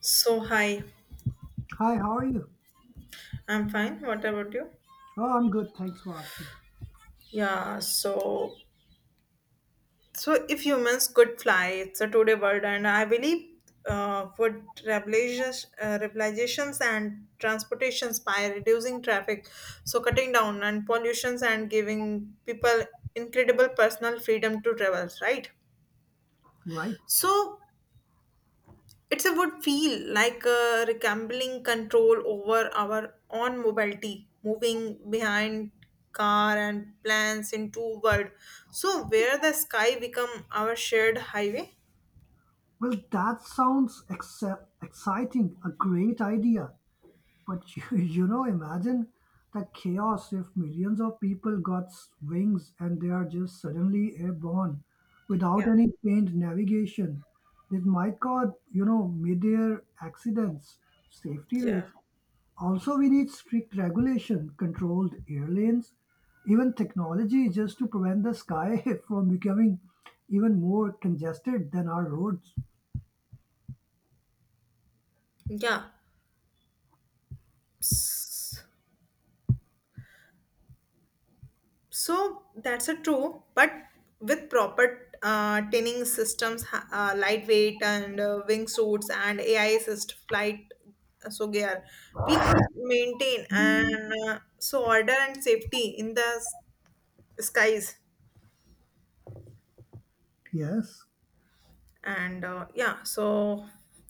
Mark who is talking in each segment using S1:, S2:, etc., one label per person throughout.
S1: So hi,
S2: Hi, how are you?
S1: I'm fine. What about you?
S2: Oh, I'm good. Thanks for asking.
S1: Yeah. So so if humans could fly, it's a today world, and I believe revolutions and transportations by reducing traffic, so cutting down and pollutions and giving people incredible personal freedom to travel. Right.
S2: Right.
S1: So It's a good feel, like reclaiming control over our own mobility, moving behind car and plans into world. So where the sky become our shared highway.
S2: Well, that sounds exciting, a great idea. But imagine the chaos if millions of people got wings and they are just suddenly airborne without
S1: Yeah,
S2: any trained navigation. This might cause, you know, mid-air accidents, safety
S1: yeah,
S2: risks. Also, we need strict regulation, controlled air lanes, even technology just to prevent the sky from becoming even more congested than our roads.
S1: yeah. S- So that's a true, but with proper tinning systems, lightweight and wingsuits and AI assist flight so gear, we could maintain and so order and safety in the skies.
S2: Yes,
S1: And yeah so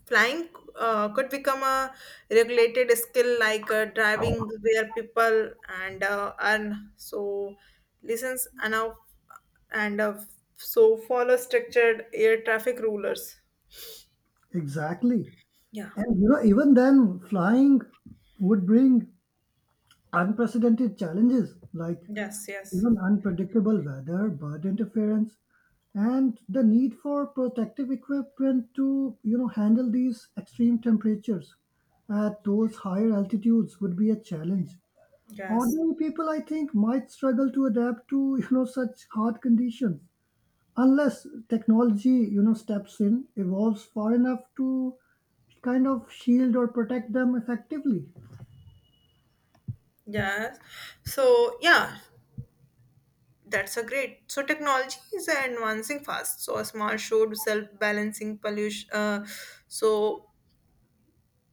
S1: flying could become a regulated skill like driving where people and earn so listens and so follow structured air traffic rulers.
S2: exactly.
S1: Yeah,
S2: And you know, even then, flying would bring unprecedented challenges like
S1: yes, yes,
S2: even unpredictable weather, bird interference, and the need for protective equipment to, you know, handle these extreme temperatures at those higher altitudes would be a challenge.
S1: yes,
S2: Ordinary people, I think, might struggle to adapt to, you know, such hard conditions unless technology, you know, steps in, evolves far enough to kind of shield or protect them effectively.
S1: yes, so yeah, that's a great. So technology is advancing fast, so a small show to self-balancing pollution so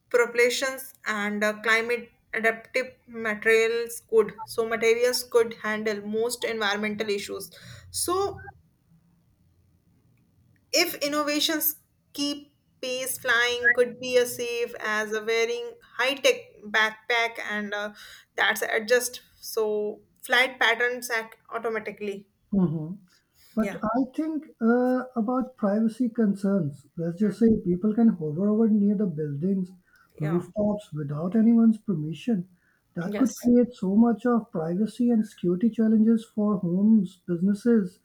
S1: propulsions and climate adaptive materials could so materials could handle most environmental issues. So if innovations keep pace, flying could be as safe as a wearing high-tech backpack and that's adjust so flight patterns act automatically.
S2: Mhm. But
S1: Yeah.
S2: I think about privacy concerns. Let's just
S1: Mm.
S2: say people can hover over near the buildings,
S1: Yeah,
S2: rooftops without anyone's permission. That could
S1: yes,
S2: create so much of privacy and security challenges for homes, businesses,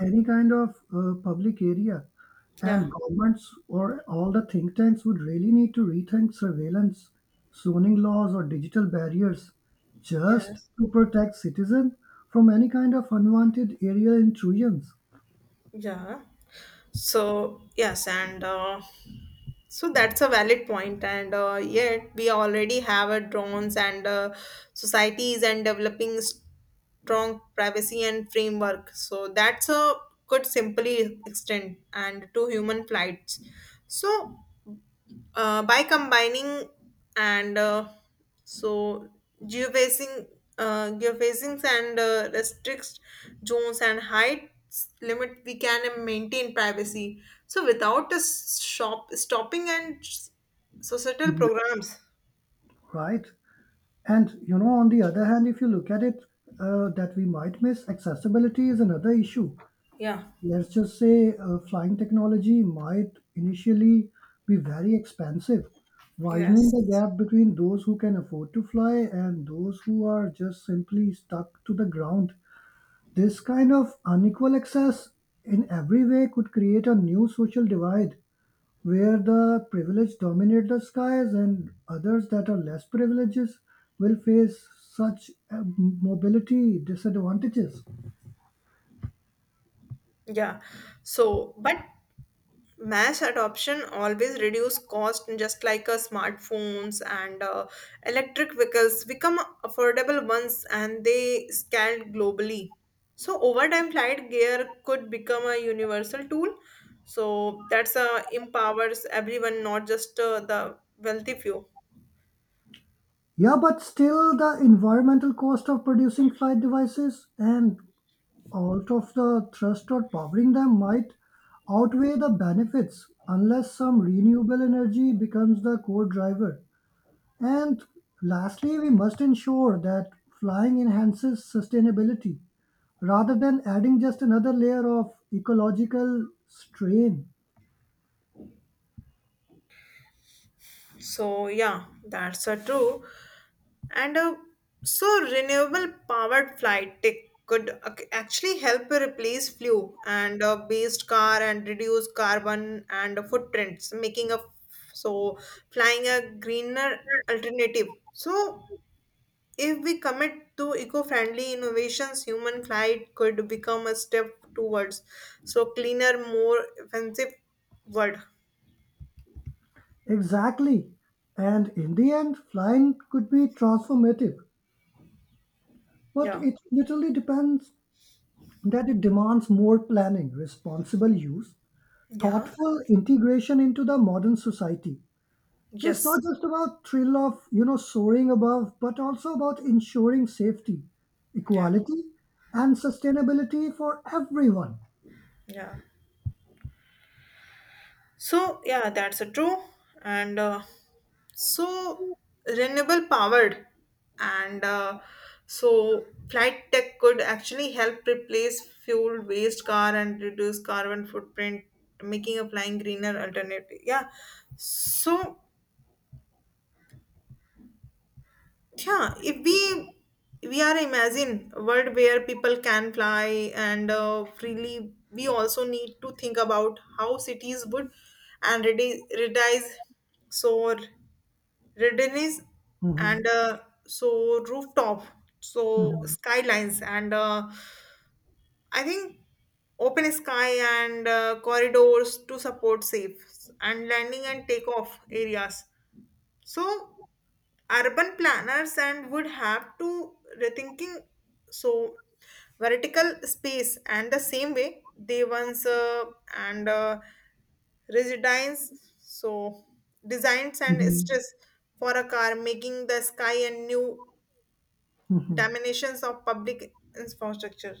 S2: any kind of public area.
S1: yeah,
S2: And governments or all the think tanks would really need to rethink surveillance, zoning laws, or digital barriers just
S1: yes.
S2: to protect citizens from any kind of unwanted aerial intrusions.
S1: Yeah. So, yes, and so that's a valid point, point. And yet we already have a drones and societies and developing strong privacy and framework. So that's a could simply extend and to human flights. So by combining and so geofacing geofacings and restricts zones and heights limit, we can maintain privacy so without a shop stopping and societal programs.
S2: Right. And you know, on the other hand, if you look at it, that we might miss accessibility is another issue.
S1: Yeah.
S2: Let's just say flying technology might initially be very expensive, widening
S1: Yes.
S2: the gap between those who can afford to fly and those who are just simply stuck to the ground. This kind of unequal access in every way could create a new social divide where the privileged dominate the skies and others that are less privileged will face such mobility disadvantages.
S1: Yeah, so but mass adoption always reduce cost just like smartphones and electric vehicles become affordable ones and they scale globally. So over time, flight gear could become a universal tool so that's empowers everyone, not just the wealthy few.
S2: Yeah, but still the environmental cost of producing flight devices and all of the thrust or powering them might outweigh the benefits unless some renewable energy becomes the core driver. And lastly, we must ensure that flying enhances sustainability rather than adding just another layer of ecological strain.
S1: So yeah, that's a true. And So renewable powered flight tech could actually help replace fuel and based car and reduce carbon and footprints, making a so flying a greener alternative. So if we commit to eco-friendly innovations, human flight could become a step towards so cleaner, more offensive world.
S2: Exactly. And in the end, flying could be transformative, but
S1: Yeah.
S2: it literally depends that it demands more planning, responsible use,
S1: Yeah.
S2: thoughtful integration into the modern society. It's
S1: Yes.
S2: not just about thrill of, you know, soaring above, but also about ensuring safety,
S1: Yeah.
S2: equality, and sustainability for everyone.
S1: Yeah. So yeah, that's a true. And so renewable powered and so flight tech could actually help replace fuel waste car and reduce carbon footprint, making a flying greener alternative. Yeah. So yeah, if we are imagine a world where people can fly and freely, we also need to think about how cities would and redize so redenize
S2: Mhm.
S1: and so rooftop, so
S2: Mhm.
S1: skylines and I think open sky and corridors to support safe and landing and takeoff areas so urban planners and would have to rethinking so vertical space and the same way they once and residence so designs and
S2: Mhm.
S1: stress for a car, making the sky and new dimensions of public infrastructure.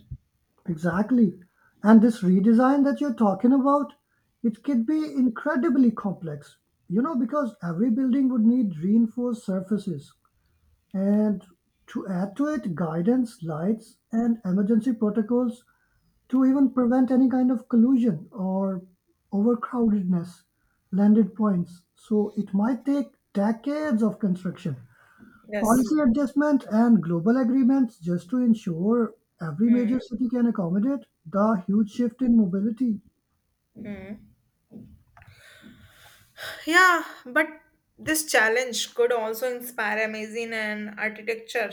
S2: Exactly. And this redesign that you're talking about, it could be incredibly complex, you know, because every building would need reinforced surfaces. And to add to it, guidance, lights, and emergency protocols to even prevent any kind of collusion or overcrowdedness, landed points. So it might take decades of construction,
S1: Yes.
S2: policy adjustment, and global agreements just to ensure every
S1: Hmm.
S2: major city can accommodate the huge shift in mobility.
S1: Hmm. Yeah, but this challenge could also inspire amazing and architecture.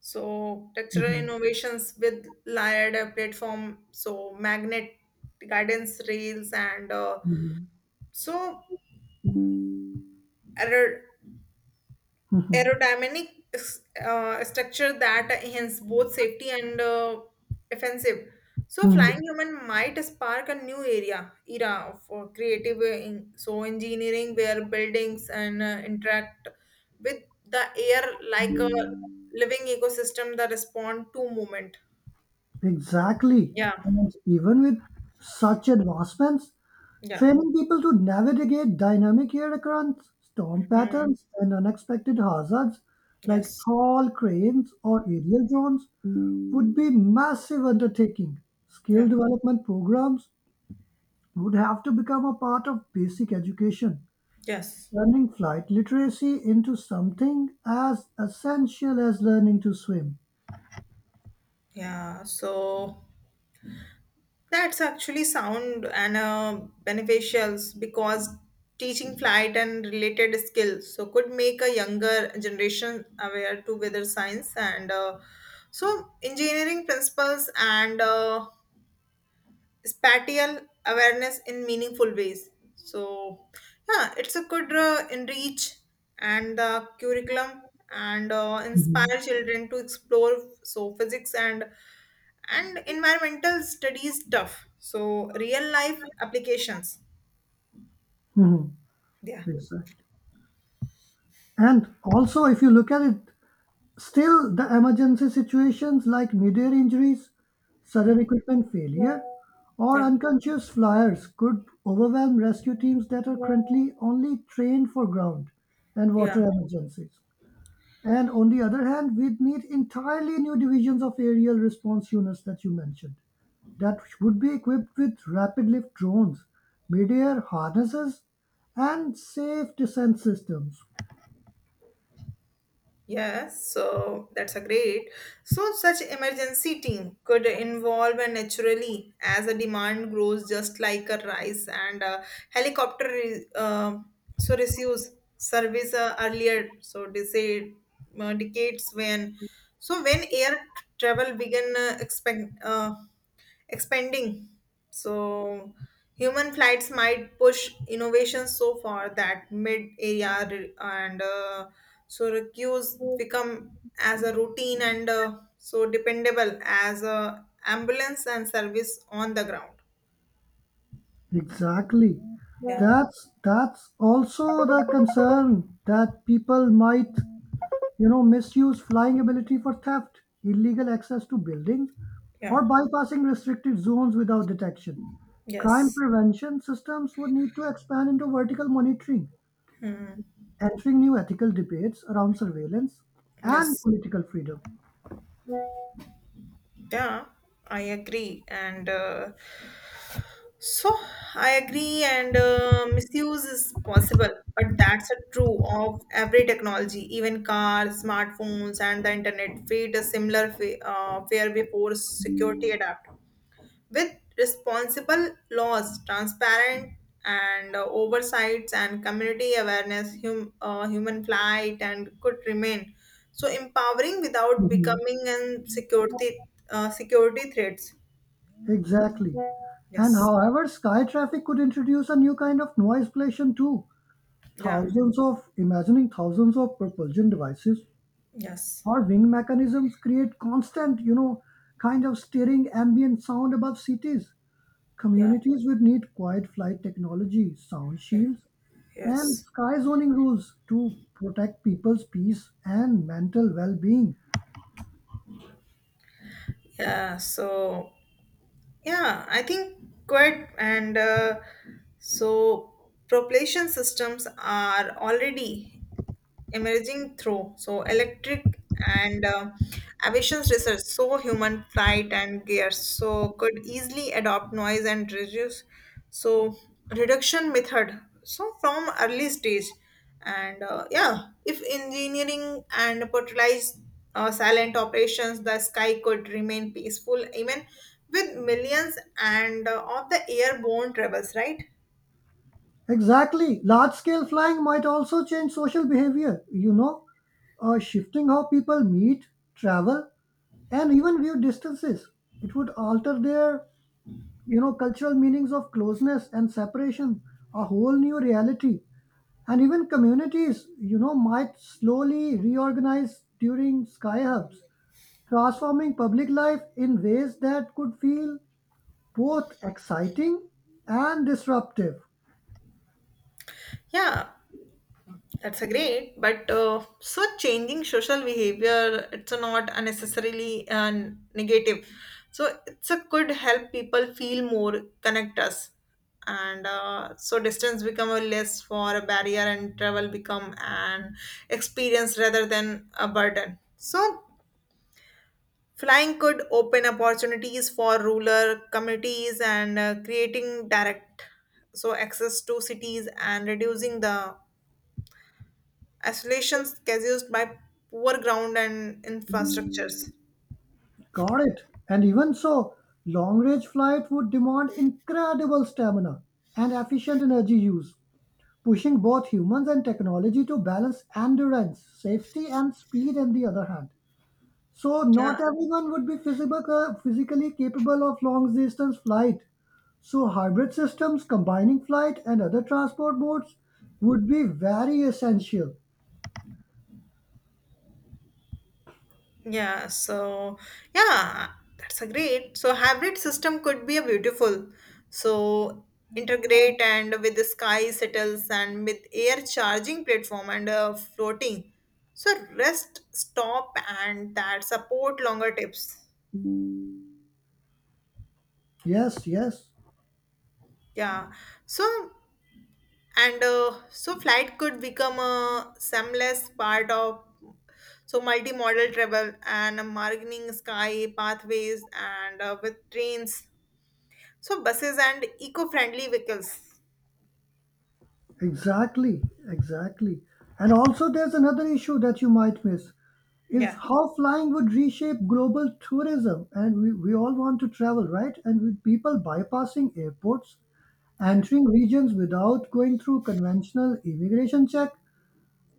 S1: So textural
S2: Mhm.
S1: innovations with layered platform, so magnet guidance rails and
S2: Mhm.
S1: so aer-
S2: Mhm.
S1: aerodynamic structure that enhance both safety and offensive. So flying
S2: Mhm.
S1: human might spark a new area era of creative so engineering where buildings and interact with the air like a living ecosystem that respond to movement.
S2: Exactly.
S1: Yeah,
S2: And even with such advancements,
S1: yeah.
S2: training people to navigate dynamic hurricanes, storm
S1: Mm,
S2: patterns, and unexpected hazards like
S1: yes.
S2: tall cranes or aerial drones would be massive undertaking. Skill
S1: Yeah.
S2: development programs would have to become a part of basic education,
S1: Yes.
S2: turning flight literacy into something as essential as learning to swim.
S1: Yeah. So that's actually sound and beneficials because teaching flight and related skills so could make a younger generation aware to weather science and so engineering principles and spatial awareness in meaningful ways. So, yeah, it's a good enrich and the curriculum and
S2: Mhm.
S1: inspire children to explore so physics and environmental studies stuff. So, real life applications.
S2: Mhm.
S1: Yeah.
S2: Exactly. And also, if you look at it, still the emergency situations like midair injuries, sudden
S1: Hmm.
S2: equipment failure, or
S1: Yeah,
S2: unconscious flyers could overwhelm rescue teams that are currently only trained for ground and
S1: yeah.
S2: water emergencies. And on the other hand, we'd need entirely new divisions of aerial response units that you mentioned that would be equipped with rapid lift drones, midair harnesses, and safe descent systems.
S1: Yes, so that's a great. So such emergency team could involve and naturally as a demand grows, just like a rise and a helicopter. So receives service earlier. So decade, decades when, so when air travel began expanding. So human flights might push innovations so far that mid area re- and so recuse become as a routine and so dependable as a ambulance and service on the ground.
S2: Exactly.
S1: Yeah,
S2: That's also the concern that people might, you know, misuse flying ability for theft, illegal access to buildings,
S1: yeah,
S2: or bypassing restricted zones without detection. Crime
S1: yes.
S2: prevention systems would need to expand into vertical monitoring,
S1: Hmm.
S2: entering new ethical debates around surveillance and
S1: Yes,
S2: political freedom.
S1: yeah. I agree, and So I agree, and misuse is possible, but that's a true of every technology, even cars, smartphones, and the internet. Fate a similar fare before security adapt with responsible laws, transparent and oversights, and community awareness. Human flight and could remain so empowering without
S2: Mhm.
S1: becoming an security threats.
S2: Exactly. And
S1: Yes.
S2: however, sky traffic could introduce a new kind of noise pollution too.
S1: Yeah.
S2: Thousands of propulsion devices
S1: Yes.
S2: or wing mechanisms create constant, you know, kind of stirring ambient sound above cities.
S1: Yeah.
S2: Communities would need quiet flight technology, sound
S1: Yeah.
S2: shields, and
S1: Yes.
S2: sky zoning rules to protect people's peace and mental well being.
S1: Yeah. So, yeah, I think quite and so propulsion systems are already emerging through so electric and aviation's research, so human flight and gear so could easily adopt noise and reduce so reduction method so from early stage and yeah, if engineering and portalized silent operations, the sky could remain peaceful even with millions and of the airborne travels, right?
S2: Exactly. Large scale flying might also change social behavior, you know, shifting how people meet, travel, and even view distances. It would alter their, you know, cultural meanings of closeness and separation, a whole new reality, and even communities, you know, might slowly reorganize during sky hubs, transforming public life in ways that could feel both exciting and disruptive.
S1: Yeah. That's a great, but so changing social behavior, it's a not a necessarily negative. So it's a could help people feel more connect us, and so distance become a less for a barrier, and travel become an experience rather than a burden. So flying could open opportunities for rural communities and creating direct so access to cities and reducing the isolations caused by poor ground and infrastructures.
S2: Got it. And even so, long range flight would demand incredible stamina and efficient energy use, pushing both humans and technology to balance endurance safety and speed on the other hand. So
S1: Yeah.
S2: not everyone would be physically capable of long distance flight. So hybrid systems combining flight and other transport modes would be very essential.
S1: Yeah. So yeah, that's a great. So hybrid system could be a beautiful. So integrate and with the sky settles and with air charging platform and floating. So rest, stop, and that support longer tips.
S2: Yes, yes,
S1: Yeah. So and so flight could become a seamless part of so multimodal travel and a margining sky pathways and with trains so buses and eco-friendly vehicles.
S2: exactly, exactly. And also there's another issue that you might miss is
S1: Yeah.
S2: how flying would reshape global tourism, and we all want to travel, right? And with people bypassing airports,
S1: Yeah.
S2: entering regions without going through conventional immigration check,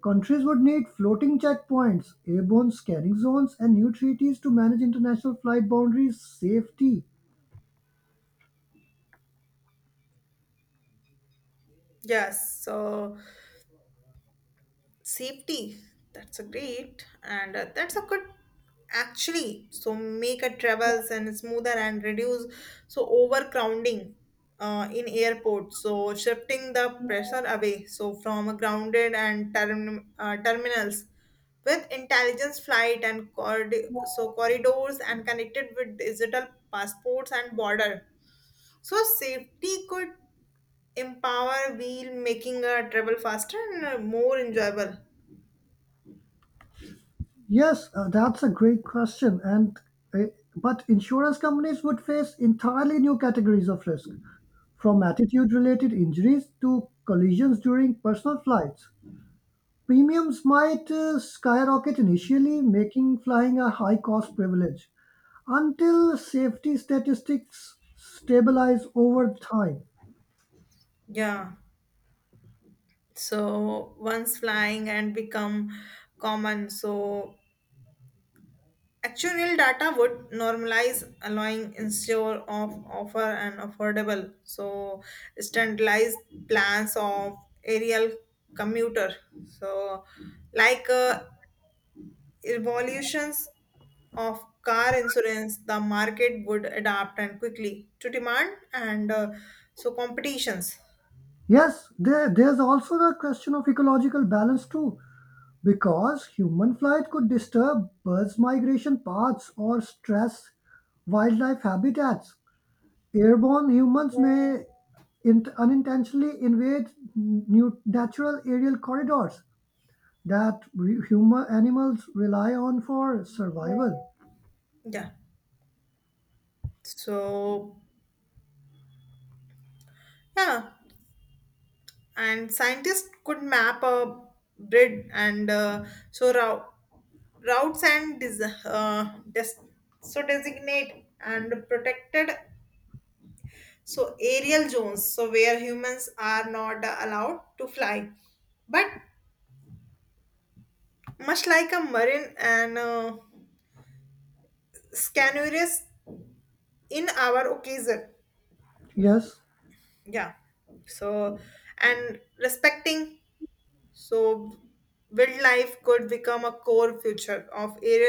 S2: countries would need floating checkpoints, airborne scanning zones, and new treaties to manage international flight boundaries safety.
S1: Yes, so safety that's a great and that's a good actually so make a travels and smoother and reduce so overcrowding in airports so shifting the pressure away so from grounded and terminals with intelligence flight and so corridors and connected with digital passports and border so safety could empower wheel making a travel faster and more enjoyable.
S2: Yes, that's a great question. And uh, but insurance companies would face entirely new categories of risk, from attitude-related injuries to collisions during personal flights. Premiums might skyrocket initially, making flying a high-cost privilege until safety statistics stabilize over time.
S1: Yeah, so once flying and become common so actuarial data would normalize allowing insurer of offer an affordable so standardized plans of aerial commuter so like evolutions of car insurance. The market would adapt and quickly to demand and so competitions.
S2: Yes, there's also the question of ecological balance too, because human flight could disturb birds' migration paths or stress wildlife habitats. Airborne humans may unintentionally invade new natural aerial corridors that human animals rely on for survival.
S1: Yeah. So yeah, and scientists could map a grid and so routes and so designate and protected so aerial zones so where humans are not allowed to fly, but much like a marine and scanuarius in our occasion.
S2: Yes.
S1: Yeah, so and respecting so wild life could become a core future of air.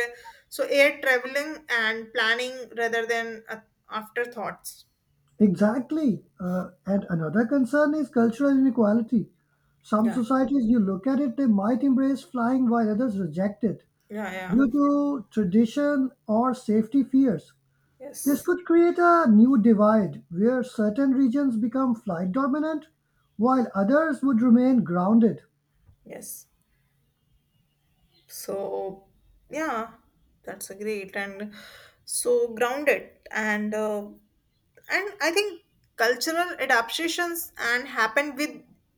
S1: So air traveling and planning rather than afterthoughts.
S2: Exactly. And another concern is cultural inequality. Some
S1: Yeah.
S2: societies, you look at it, they might embrace flying while others reject it
S1: Yeah, yeah.
S2: due to tradition or safety fears. This
S1: Yes.
S2: could create a new divide where certain regions become flight dominant while others would remain grounded.
S1: Yes. So yeah, that's a great, and so grounded and I think cultural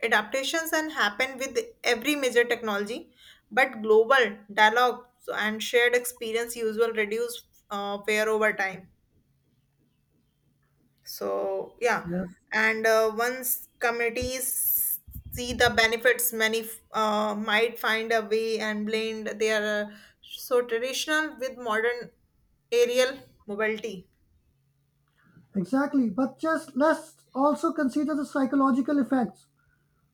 S1: adaptations and happen with every major technology, but global dialogue and shared experience usual reduce fear over time. So yeah,
S2: Yes.
S1: and once communities see the benefits, many might find a way and blend their so traditional with modern aerial mobility.
S2: Exactly. But just let's also consider the psychological effects,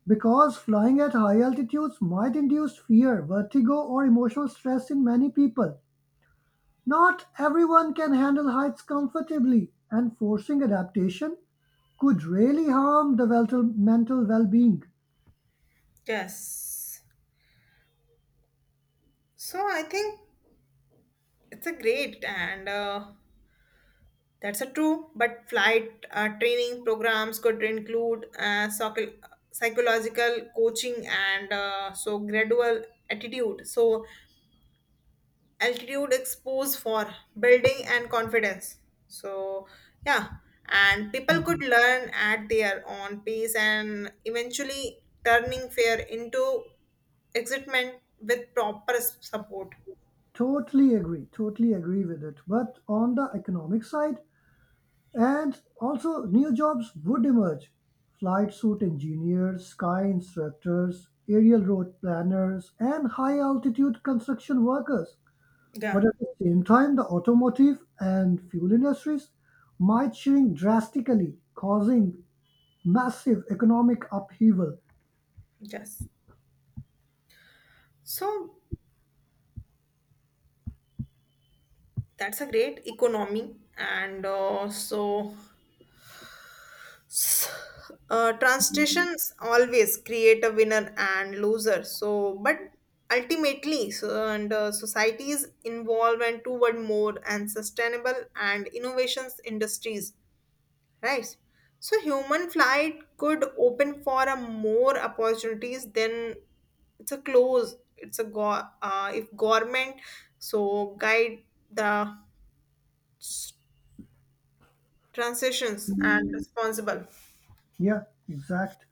S2: because flying at high altitudes might induce fear, vertigo, or emotional stress in many people. Not everyone can handle heights comfortably, and forcing adaptation could really harm the mental well-being.
S1: Yes. So I think it's a great and that's a true. But flight training programs could include psychological coaching and so gradual attitude. So altitude expose for building and confidence, so yeah, and people could
S2: Mhm.
S1: learn at their own pace and eventually turning fear into excitement with proper support.
S2: Totally agree. Totally agree with it. But on the economic side, and also new jobs would emerge. Flight suit engineers, sky instructors, aerial road planners, and high altitude construction workers. But
S1: Yeah.
S2: at the same time, the automotive and fuel industries might shrink drastically, causing massive economic upheaval.
S1: Yes, so that's a great economy and S- translations always create a winner and loser so but ultimately so, and societies involvement toward more and sustainable and innovations industries, right? So human flight could open for a more opportunities than it's a close it's a if government so guide the transitions and responsible.
S2: Yeah, exact.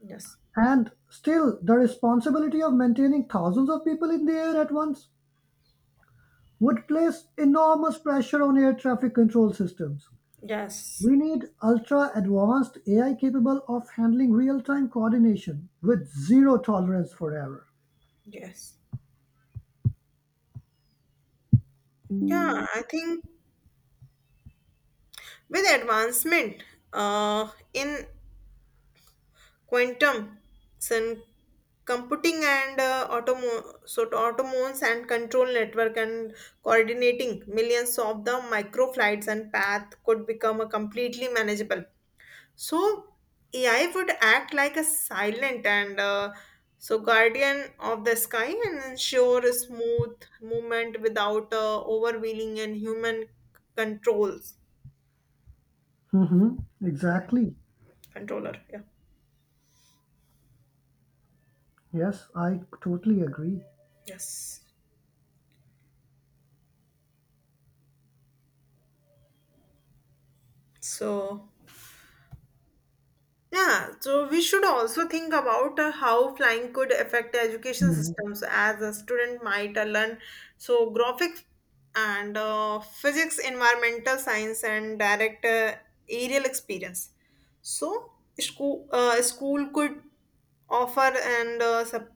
S1: Yes,
S2: And still, the responsibility of maintaining thousands of people in the air at once would place enormous pressure on air traffic control systems.
S1: yes,
S2: We need ultra advanced AI capable of handling real time coordination with zero tolerance for error.
S1: yes. Yeah, I think with advancement in quantum sun computing and so automones and control network and coordinating millions of the micro flights and path could become a completely manageable. So AI would act like a silent and so guardian of the sky and ensure a smooth movement without overwhelming and human controls.
S2: Mm-hmm.
S1: Yeah.
S2: Exactly.
S1: Controller. Yeah.
S2: Yes, I totally agree.
S1: Yes, so yeah, so we should also think about how flying could affect education
S2: Mhm.
S1: systems as a student might learn so graphics and physics environmental science and direct aerial experience. So school could offer and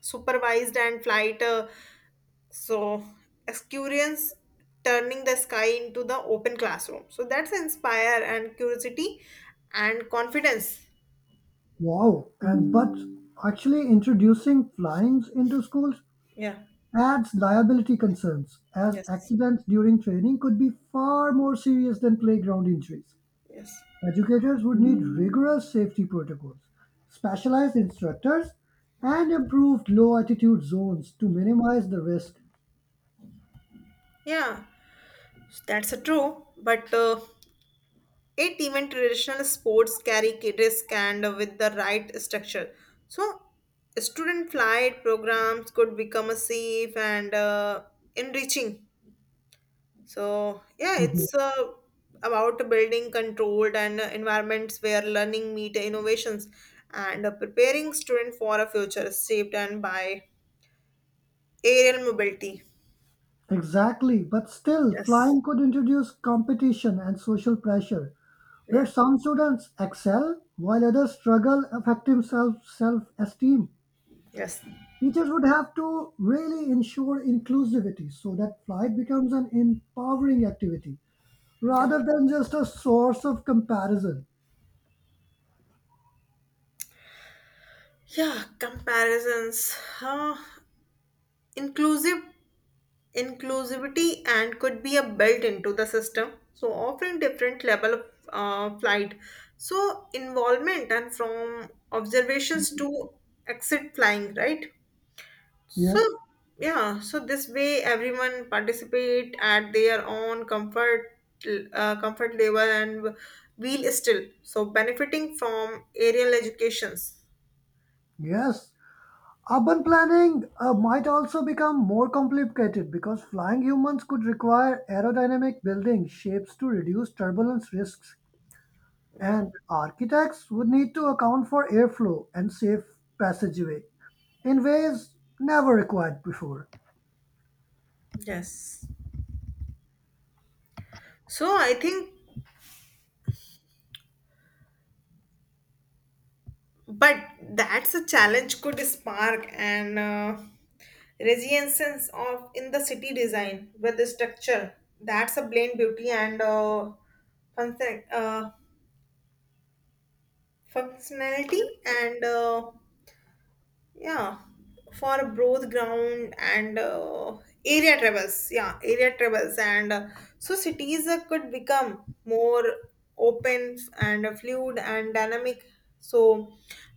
S1: supervised and flight so experience, turning the sky into the open classroom so that's inspire and curiosity and confidence.
S2: Wow. And but actually introducing flyings into schools
S1: Yeah.
S2: adds liability concerns, as
S1: Yes.
S2: accidents during training could be far more serious than playground injuries.
S1: Yes.
S2: Educators would need rigorous safety protocols, specialized instructors, and improved low altitude zones to minimize the risk.
S1: Yeah. So, that's a true, but it even traditional sports carry risk and with the right structure so student flight programs could become a safe and enriching. So, yeah,
S2: Mm-hmm.
S1: it's about building controlled and environments where learning meet innovations and preparing students for a future shaped and by aerial mobility.
S2: Exactly, but still,
S1: Yes.
S2: flying could introduce competition and social pressure, where
S1: Yeah.
S2: some students excel while others struggle, affecting self esteem.
S1: Yes.
S2: Teachers would have to really ensure inclusivity so that flight becomes an empowering activity
S1: Yeah.
S2: rather than just a source of comparison.
S1: Yeah. Comparisons. Huh. inclusive Inclusivity and could be a built into the system, so offering different level of flight so involvement and from observations to exit flying, right? So
S2: Yes.
S1: yeah, so this way everyone participate at their own comfort level and wheel still so benefiting from aerial educations.
S2: Yes, urban planning might also become more complicated because flying humans could require aerodynamic building shapes to reduce turbulence risks,
S1: Yeah.
S2: and architects would need to account for airflow and safe passageway in ways never required before.
S1: Yes, so I think but that's a challenge could spark an resilience of in the city design with the structure that's a blend beauty and function, uh, functionality and yeah for both ground and area travels and so cities could become more open and fluid and dynamic so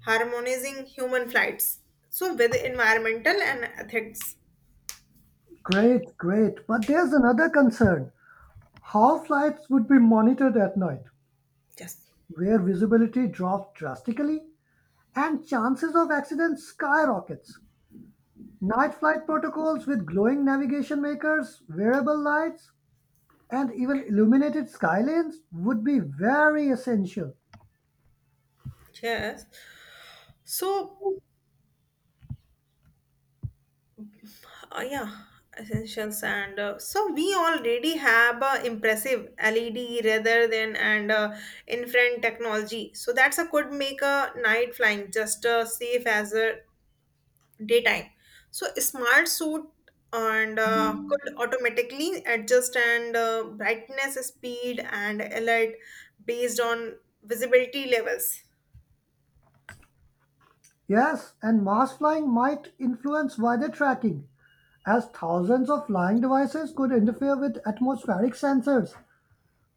S1: harmonizing human flights so with environmental and ethics.
S2: Great, great. But there's another concern, how flights would be monitored at night,
S1: Yes.
S2: where visibility drops drastically and chances of accidents skyrockets. Night flight protocols with glowing navigation makers, wearable lights, and even illuminated skylines would be very essential.
S1: Yes, so yeah, essentials and so we already have impressive LED rather than and infrared technology. So that's a could make a night flying just safe as a daytime. So smart suit and could automatically adjust and brightness, speed, and alert based on visibility levels.
S2: Yes, and mass flying might influence weather tracking, as thousands of flying devices could interfere with atmospheric sensors.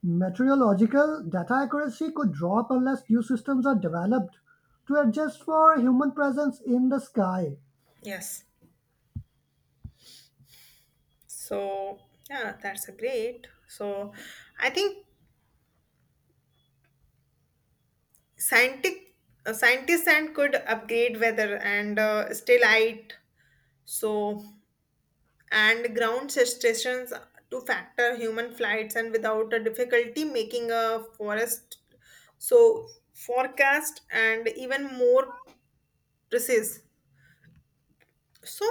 S2: Meteorological data accuracy could drop unless new systems are developed to adjust for human presence in the sky.
S1: Yes. So yeah, that's a great. So I think scientific scientists and could upgrade weather and still light so and ground stations to factor human flights and without a difficulty making a forest so forecast and even more precise. So,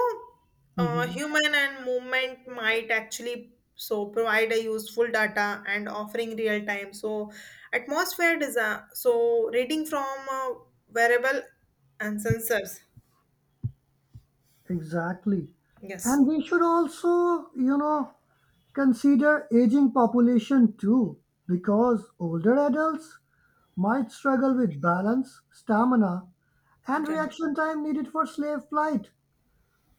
S2: Mhm.
S1: human and movement might actually so provide a useful data and offering real time. So, atmosphere design. So, reading from uh, wearable and sensors.
S2: Exactly.
S1: Yes.
S2: And we should also, you know, consider aging population too, because older adults might struggle with balance, stamina, and
S1: Yeah.
S2: reaction time needed for slave flight.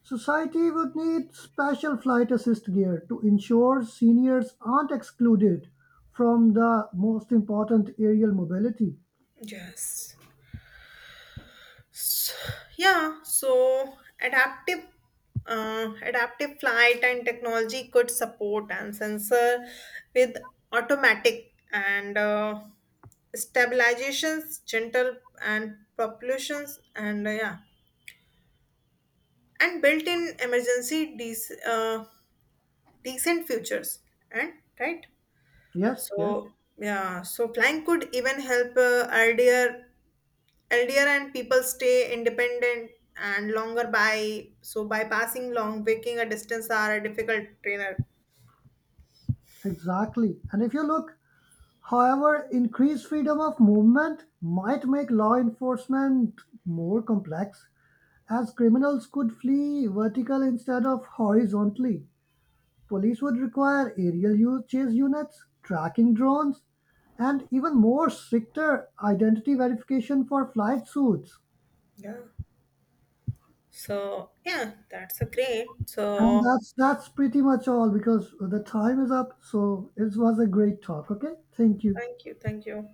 S2: Society would need special flight assist gear to ensure seniors aren't excluded from the most important aerial mobility.
S1: Yes. S yeah, so adaptive flight and technology could support and sensor with automatic and stabilizations, gentle and propulsions and yeah, and built-in emergency decent futures and right.
S2: Yes, yes,
S1: So yeah, so flying could even help earlier Elder and people stay independent and longer by so bypassing long waking a distance are a difficult trainer.
S2: exactly. And if you look, however, increased freedom of movement might make law enforcement more complex, as criminals could flee vertically instead of horizontally. Police would require aerial chase units, tracking drones, and even more stricter identity verification for flight suits.
S1: Yeah. So yeah, that's a great.
S2: And
S1: So
S2: that's pretty much all because the time is up. So it was a great talk. Okay, thank you.
S1: thank you, thank you.